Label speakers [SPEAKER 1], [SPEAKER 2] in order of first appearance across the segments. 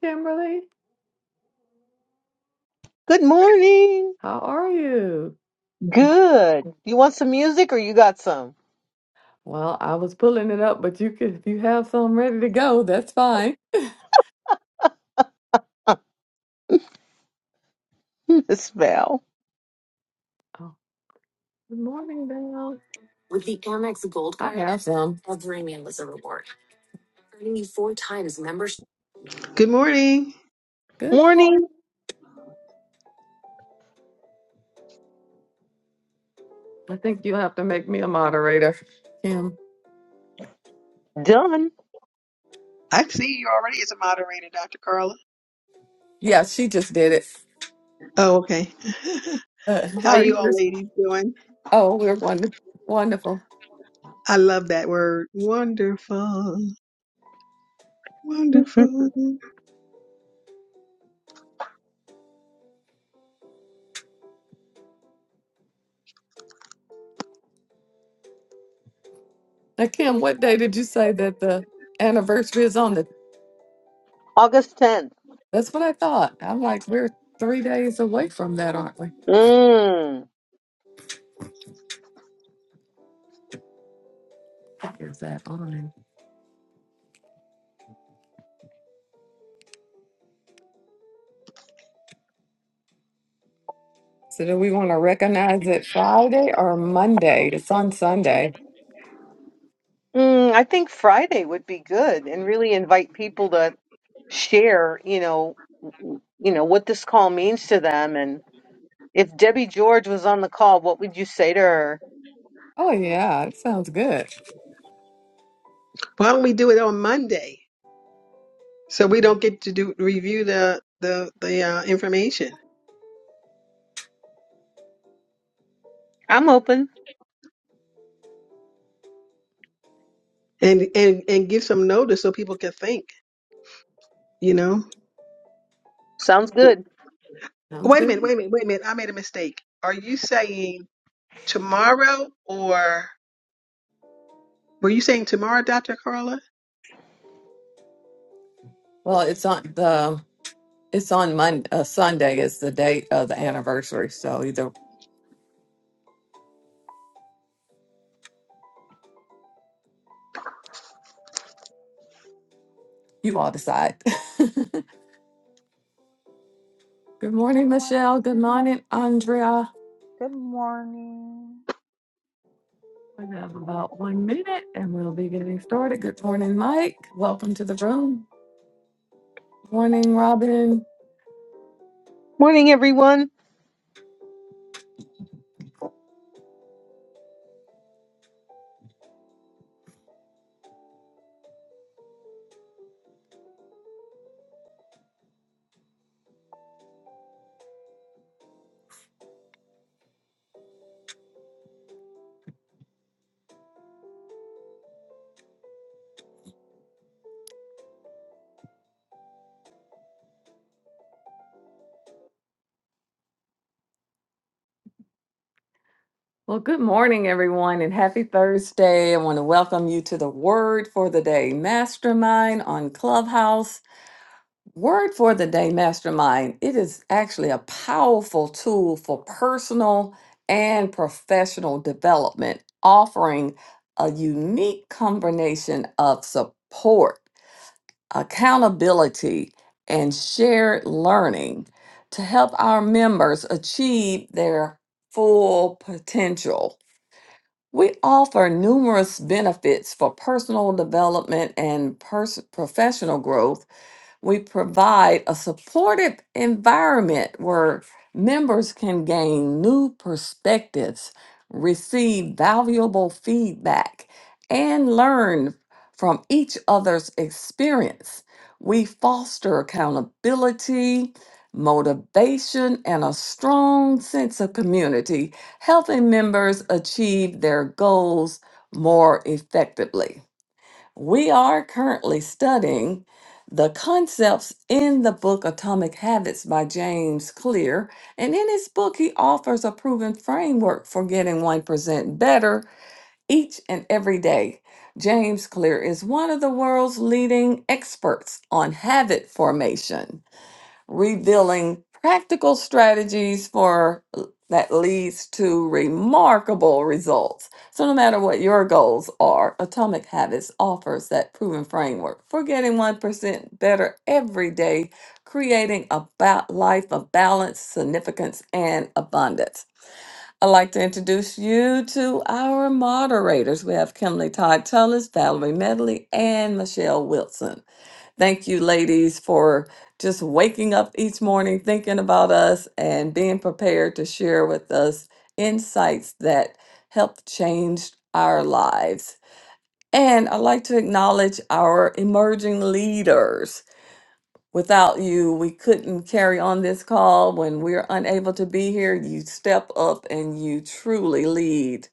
[SPEAKER 1] Kimberly.
[SPEAKER 2] Good morning.
[SPEAKER 1] How are you?
[SPEAKER 2] Good. You want some music or you got some?
[SPEAKER 1] Well, I was pulling it up, but you could if you have some ready to go, that's fine.
[SPEAKER 2] This Val.
[SPEAKER 1] Oh, good morning, Dale. With the Amex Gold Card, I have some. Every meal is a reward, earning you four times membership.
[SPEAKER 3] Good morning.
[SPEAKER 1] Good
[SPEAKER 2] Morning.
[SPEAKER 1] morning. I think you'll have to make me a moderator, Kim.
[SPEAKER 2] Done.
[SPEAKER 3] I see you already as a moderator, Dr. Carla.
[SPEAKER 1] Yeah, she just did it.
[SPEAKER 3] Oh, okay.
[SPEAKER 1] Uh, how
[SPEAKER 3] How
[SPEAKER 1] are
[SPEAKER 3] you
[SPEAKER 1] you?
[SPEAKER 3] all ladies doing?
[SPEAKER 1] Oh, we're wonderful. Wonderful.
[SPEAKER 3] I love that word. Wonderful. Wonderful. Why
[SPEAKER 1] Now, Kim, what day did you say that the anniversary is on? the?
[SPEAKER 2] August 10th.
[SPEAKER 1] That's what I thought. I'm like, we're three days away from that, aren't we?
[SPEAKER 2] Mm.
[SPEAKER 1] Is that on? So do we want to recognize it Friday or Monday? It's on Sunday.
[SPEAKER 2] Mm, I think Friday would be good and really invite people to share, you know, w- you know what this call means to them and if Debbie George was on the call, what would you say to her?
[SPEAKER 1] Oh yeah, it sounds good.
[SPEAKER 3] don't we do it on Monday? So we don't get to do review the the the uh, information
[SPEAKER 2] I'm open.
[SPEAKER 3] and and and give some notice so people can think, you know.
[SPEAKER 2] Sounds
[SPEAKER 3] W-
[SPEAKER 2] good.
[SPEAKER 1] Sounds
[SPEAKER 3] Wait a
[SPEAKER 1] good.
[SPEAKER 3] minute, wait a minute, wait a minute. I made a mistake. Are you saying tomorrow or were you saying tomorrow, Dr. Carla?
[SPEAKER 1] Well, it's on the it's on Monday. Uh, Sunday is the date of the anniversary. So either you all decide. good
[SPEAKER 4] Good
[SPEAKER 1] morning, Michelle.
[SPEAKER 4] morning.
[SPEAKER 1] Good morning, Andrea.
[SPEAKER 4] Good morning.
[SPEAKER 1] We have about one minute, and we'll be getting started. Good morning, Mike. Welcome to the room. Morning, Robin.
[SPEAKER 2] Morning everyone.
[SPEAKER 1] Well, good morning, everyone, and happy Thursday. I want to welcome you to the Word for the Day Mastermind on Clubhouse. Word for the Day Mastermind, it is actually a powerful tool for personal and professional development, offering a unique combination of support, accountability, and shared learning to help our members achieve their full potential. We offer numerous benefits for personal development and pers- professional growth we provide a supportive environment where members can gain new perspectives, receive valuable feedback, and learn from each other's experience. We foster accountability, motivation, and a strong sense of community, helping members achieve their goals more effectively. We are currently studying the concepts in the book Atomic Habits by James Clear. And in his book, he offers a proven framework for getting 1% better each and every day. James Clear is one of the world's leading experts on habit formation revealing practical strategies for uh, that leads to remarkable results. So no matter what your goals are, Atomic Habits offers that proven framework for getting 1% better every day, creating a ba- life of balance, significance, and abundance. I'd like to introduce you to our moderators. We have Kimberly Todd Tullis, Valerie Medley, and Michelle Wilson. Thank you, ladies, for just waking up each morning thinking about us and being prepared to share with us insights that help change our lives. And I'd like to acknowledge our emerging leaders. Without you, we couldn't carry on this call. When we're unable to be here, you step up and you truly lead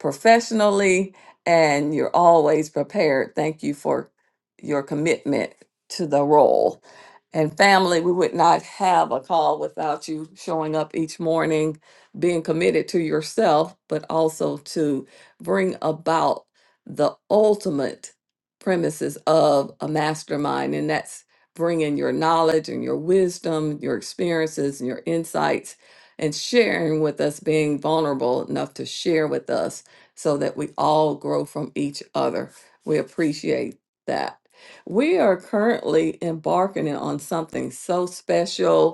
[SPEAKER 1] professionally, and you're always prepared. Thank you for your commitment to the role. And family, we would not have a call without you showing up each morning, being committed to yourself, but also to bring about the ultimate premises of a mastermind. And that's Bring in your knowledge and your wisdom, your experiences and your insights, and sharing with us, being vulnerable enough to share with us so that we all grow from each other. We appreciate that. We are currently embarking on something so special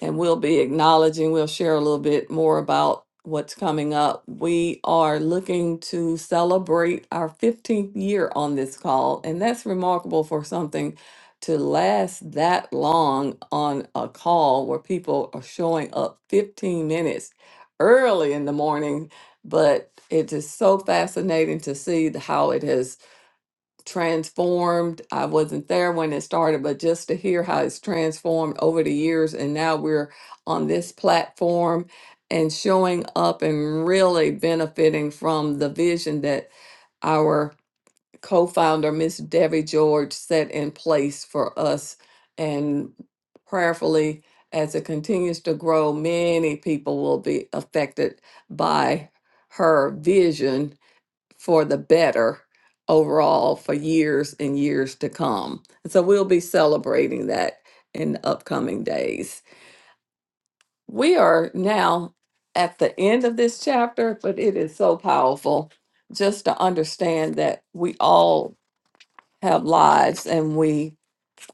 [SPEAKER 1] and we'll be acknowledging, we'll share a little bit more about what's coming up. We are looking to celebrate our 15th year on this call, and that's remarkable for something to last that long on a call where people are showing up 15 minutes early in the morning, but it is so fascinating to see the- how it has transformed. I wasn't there when it started, but just to hear how it's transformed over the years. And now we're on this platform and showing up and really benefiting from the vision that our co founder, Miss Debbie George, set in place for us. And prayerfully, as it continues to grow, many people will be affected by her vision for the better overall for years and years to come. And so we'll be celebrating that in the upcoming days. We are now at the end of this chapter, but it is so powerful just to understand that we all have lives and we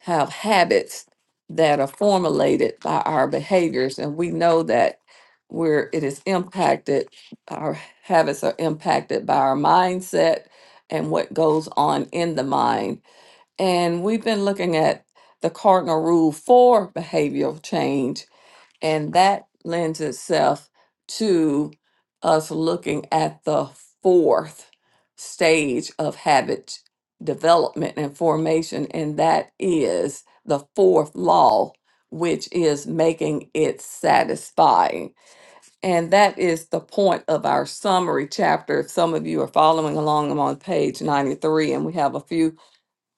[SPEAKER 1] have habits that are formulated by our behaviors and we know that where it is impacted our habits are impacted by our mindset and what goes on in the mind and we've been looking at the cardinal rule for behavioral change and that lends itself to us looking at the fourth stage of habit development and formation, and that is the fourth law, which is making it satisfying. And that is the point of our summary chapter. If some of you are following along, I'm on page 93, and we have a few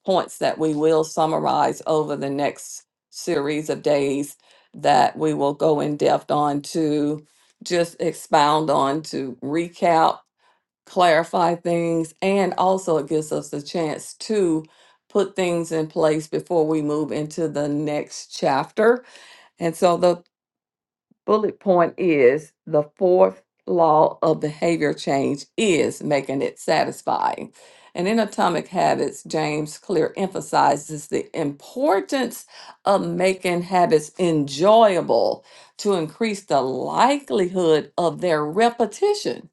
[SPEAKER 1] points that we will summarize over the next series of days that we will go in depth on to just expound on to recap, clarify things, and also it gives us a chance to put things in place before we move into the next chapter. And so the bullet point is the fourth law of behavior change is making it satisfying. And in Atomic Habits, James Clear emphasizes the importance of making habits enjoyable to increase the likelihood of their repetition.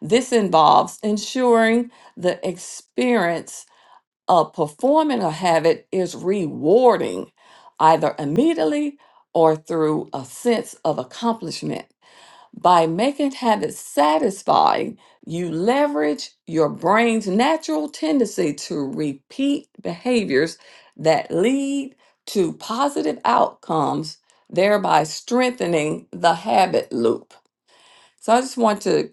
[SPEAKER 1] This involves ensuring the experience uh, performing a habit is rewarding, either immediately or through a sense of accomplishment. By making habits satisfying, you leverage your brain's natural tendency to repeat behaviors that lead to positive outcomes, thereby strengthening the habit loop. So I just want to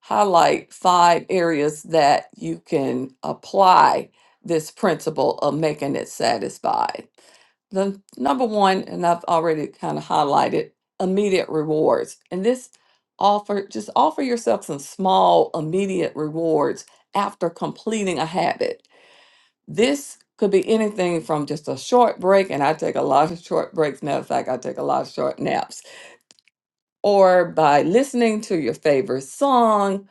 [SPEAKER 1] highlight five areas that you can apply this principle of making it satisfied. The number one, and I've already kind of highlighted, immediate rewards. And this offer, just offer yourself some small, immediate rewards after completing a habit. This could be anything from just a short break, and I take a lot of short breaks. Matter of fact, I take a lot of short naps, or by listening to your favorite song,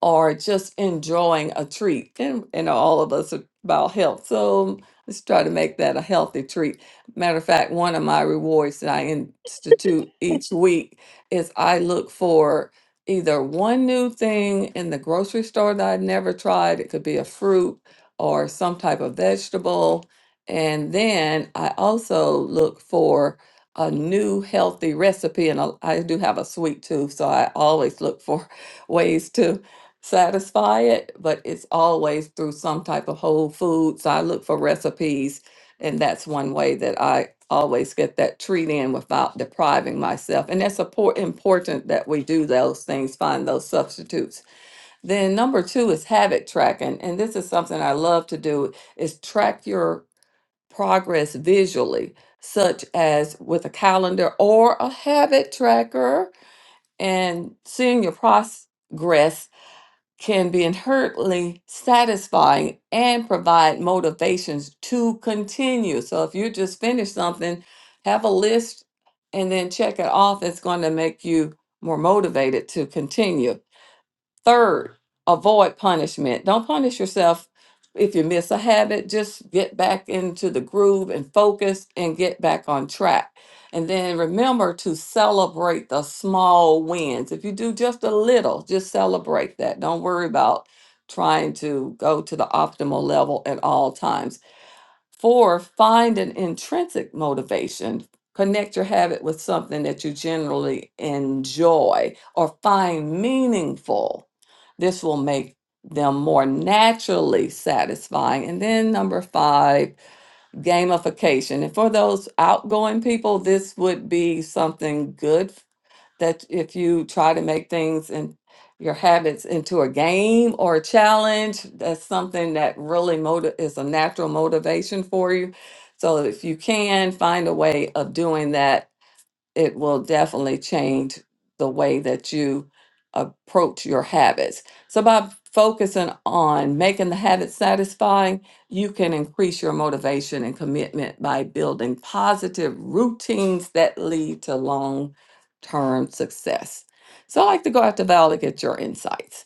[SPEAKER 1] or just enjoying a treat. And, and all of us are about health. So let's try to make that a healthy treat. Matter of fact, one of my rewards that I institute each week is I look for either one new thing in the grocery store that I'd never tried. It could be a fruit or some type of vegetable. And then I also look for a new healthy recipe. And I I do have a sweet tooth, so I always look for ways to satisfy it, but it's always through some type of whole foods. so I look for recipes, and that's one way that I always get that treat in without depriving myself. And that's appor- important that we do those things, find those substitutes. Then number two is habit tracking, and this is something I love to do is track your progress visually, such as with a calendar or a habit tracker and seeing your process can be inherently satisfying and provide motivations to continue. So if you just finish something, have a list and then check it off. It's going to make you more motivated to continue. Third, avoid punishment. Don't punish yourself if you miss a habit. Just get back into the groove and focus and get back on track. And then remember to celebrate the small wins. If you do just a little, just celebrate that. Don't worry about trying to go to the optimal level at all times Four, find an intrinsic motivation. Connect your habit with something that you generally enjoy or find meaningful. This will make them more naturally satisfying. And then number five, gamification. And for those outgoing people, this would be something good that if you try to make things and your habits into a game or a challenge, that's something that really motive is a natural motivation for you. So if you can find a way of doing that it will definitely change the way that you approach your habits. So, by focusing on making the habit satisfying, you can increase your motivation and commitment by building positive routines that lead to long term success. So, I'd like to go out to Val to get your insights.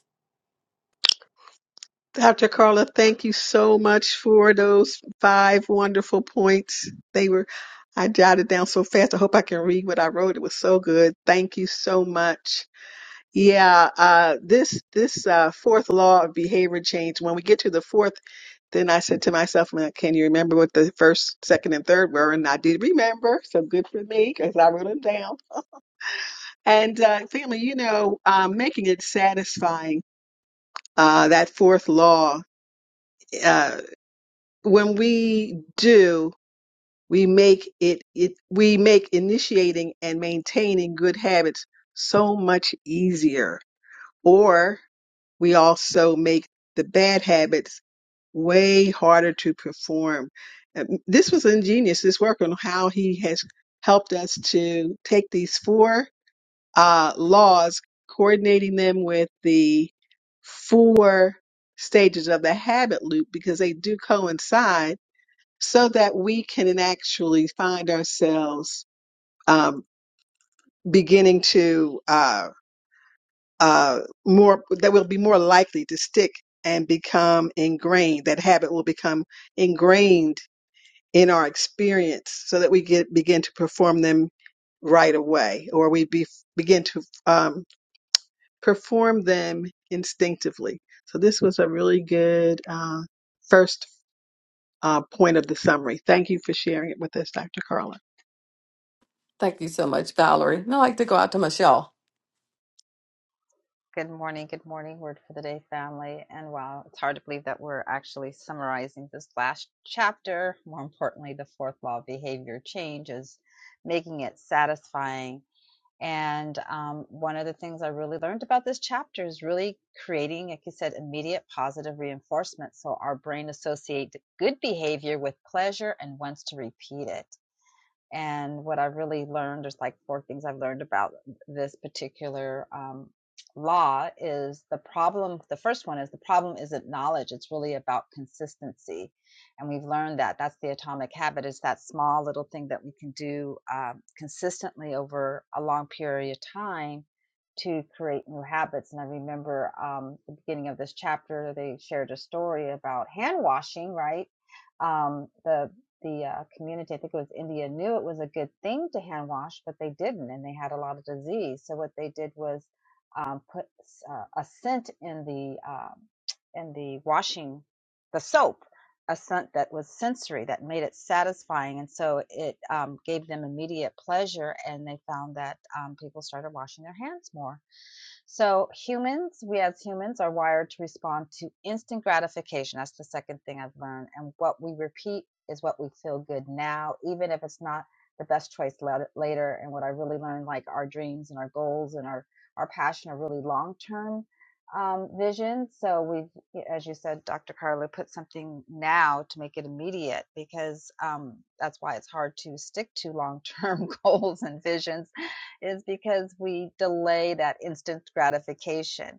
[SPEAKER 3] Dr. Carla, thank you so much for those five wonderful points. They were, I jotted down so fast. I hope I can read what I wrote. It was so good. Thank you so much. Yeah, uh, this this uh, fourth law of behavior change. When we get to the fourth, then I said to myself, "Man, "Can you remember what the first, second, and third were?" And I did remember, so good for me because I wrote them down. And uh, family, you know, um, making it satisfying. Uh, that fourth law. Uh, when we do, we make it, it. We make initiating and maintaining good habits so much easier. Or we also make the bad habits way harder to perform. Um, This was ingenious, this work on how he has helped us to take these four uh, laws, coordinating them with the four stages of the habit loop because they do coincide so that we can actually find ourselves um, beginning to uh, uh, more that will be more likely to stick and become ingrained. That habit will become ingrained in our experience, so that we get begin to perform them right away, or we be, begin to um, perform them instinctively. So this was a really good uh, first uh, point of the summary. Thank you for sharing it with us, Dr. Carla.
[SPEAKER 1] Thank you so much, Valerie. And I'd like to go out to Michelle.
[SPEAKER 4] Good morning. Good morning. Word for the day, family. And wow, it's hard to believe that we're actually summarizing this last chapter. More importantly, the fourth law of behavior change is making it satisfying. And um, one of the things I really learned about this chapter is really creating, like you said, immediate positive reinforcement. So our brain associates good behavior with pleasure and wants to repeat it And what I've really learned, there's like four things I've learned about this particular um, law is the problem. The first one is the problem isn't knowledge. It's really about consistency. And we've learned that that's the atomic habit is that small little thing that we can do um, consistently over a long period of time to create new habits. And I remember um, the beginning of this chapter, they shared a story about hand washing, right? Um, the the uh, community, I think it was India, knew it was a good thing to hand wash, but they didn't, and they had a lot of disease. So what they did was um, put uh, a scent in the um, in the washing the soap, a scent that was sensory that made it satisfying, and so it um, gave them immediate pleasure, and they found that um, people started washing their hands more so, humans, we as humans are wired to respond to instant gratification. That's the second thing I've learned. And what we repeat is what we feel good now, even if it's not the best choice lat- later. And what I really learned like our dreams and our goals and our, our passion are really long term um, vision. So, we've, as you said, Dr. Carla, put something now to make it immediate because um, that's why it's hard to stick to long term goals and visions is because we delay that instant gratification.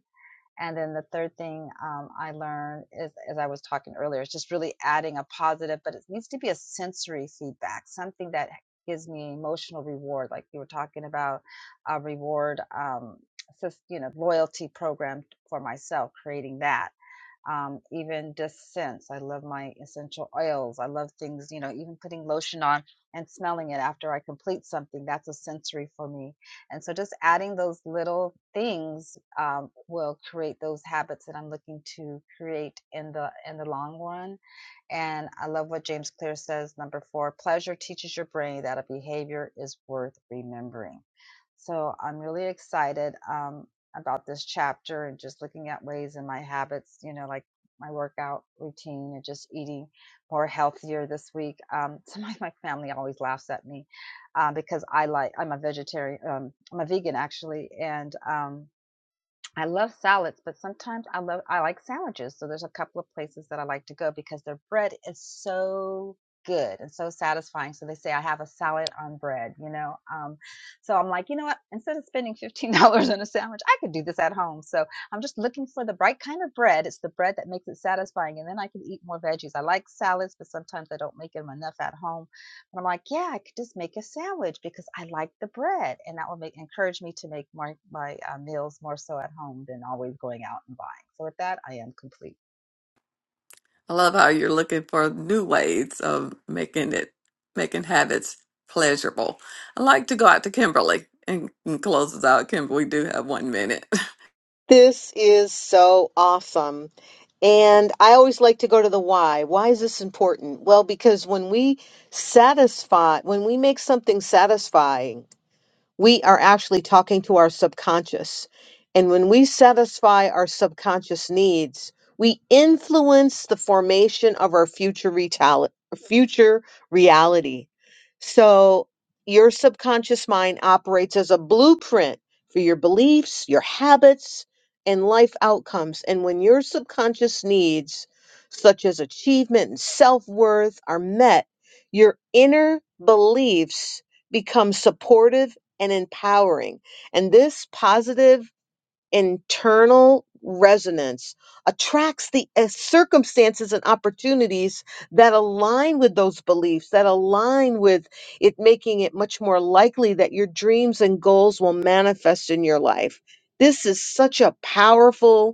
[SPEAKER 4] And then the third thing um, I learned is, as I was talking earlier, is just really adding a positive, but it needs to be a sensory feedback, something that gives me emotional reward. Like you were talking about a reward, um, you know, loyalty program for myself, creating that um, even just scents. I love my essential oils. I love things, you know, even putting lotion on and smelling it after I complete something. That's a sensory for me. And so just adding those little things um, will create those habits that I'm looking to create in the in the long run. And I love what James Clear says. Number four, pleasure teaches your brain that a behavior is worth remembering. So I'm really excited. Um, about this chapter and just looking at ways in my habits, you know, like my workout routine and just eating more healthier this week. Um, so my, my family always laughs at me uh, because I like, I'm a vegetarian, um, I'm a vegan actually. And, um, I love salads, but sometimes I love I like sandwiches. So there's a couple of places that I like to go because their bread is so good and so satisfying. So they say I have a salad on bread, you know. Um, so I'm like, you know what? Instead of spending fifteen dollars on a sandwich, I could do this at home. So I'm just looking for the right kind of bread. It's the bread that makes it satisfying, and then I can eat more veggies. I like salads, but sometimes I don't make them enough at home and I'm like, yeah, I could just make a sandwich because I like the bread. And that will make, encourage me to make my, my uh, meals more so at home than always going out and buying. So with that, I am complete.
[SPEAKER 1] I love how you're looking for new ways of making it, making habits pleasurable. I like to go out to Kimberly and, and close us out. Kimberly, we do have one minute.
[SPEAKER 2] This is so awesome. And I always like to go to the why. Why is this important? Well, because when we satisfy, when we make something satisfying, we are actually talking to our subconscious. And when we satisfy our subconscious needs, we influence the formation of our future retali- future reality. So your subconscious mind operates as a blueprint for your beliefs, your habits, and life outcomes. And when your subconscious needs, such as achievement and self worth, are met, your inner beliefs become supportive and empowering. And this positive internal resonance attracts the uh, circumstances and opportunities that align with those beliefs, that align with it, making it much more likely that your dreams and goals will manifest in your life. This is such a powerful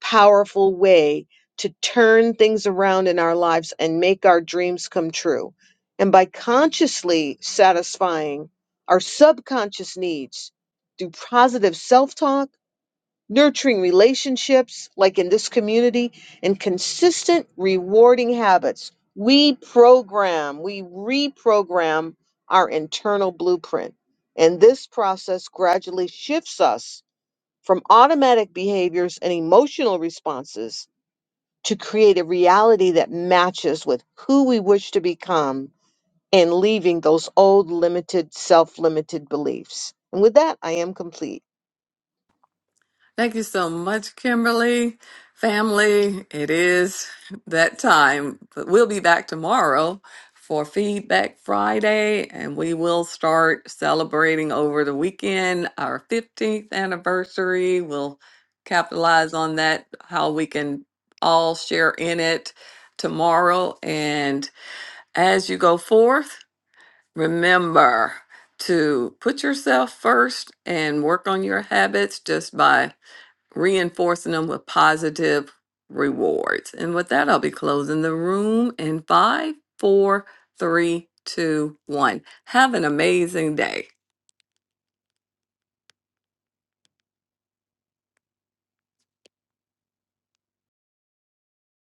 [SPEAKER 2] powerful way to turn things around in our lives and make our dreams come true. And by consciously satisfying our subconscious needs through positive self talk, nurturing relationships, like in this community, and consistent rewarding habits, we program, we reprogram our internal blueprint. And this process gradually shifts us from automatic behaviors and emotional responses to create a reality that matches with who we wish to become and leaving those old limited, self limited beliefs. And with that, I am complete.
[SPEAKER 1] Thank you so much, Kimberly. Family, it is that time. But we'll be back tomorrow for Feedback Friday, and we will start celebrating over the weekend our 15th anniversary. We'll capitalize on that, how we can all share in it tomorrow. And as you go forth, remember to put yourself first and work on your habits just by reinforcing them with positive rewards. And with that, I'll be closing the room in five, four, three, two, one. Have an amazing day.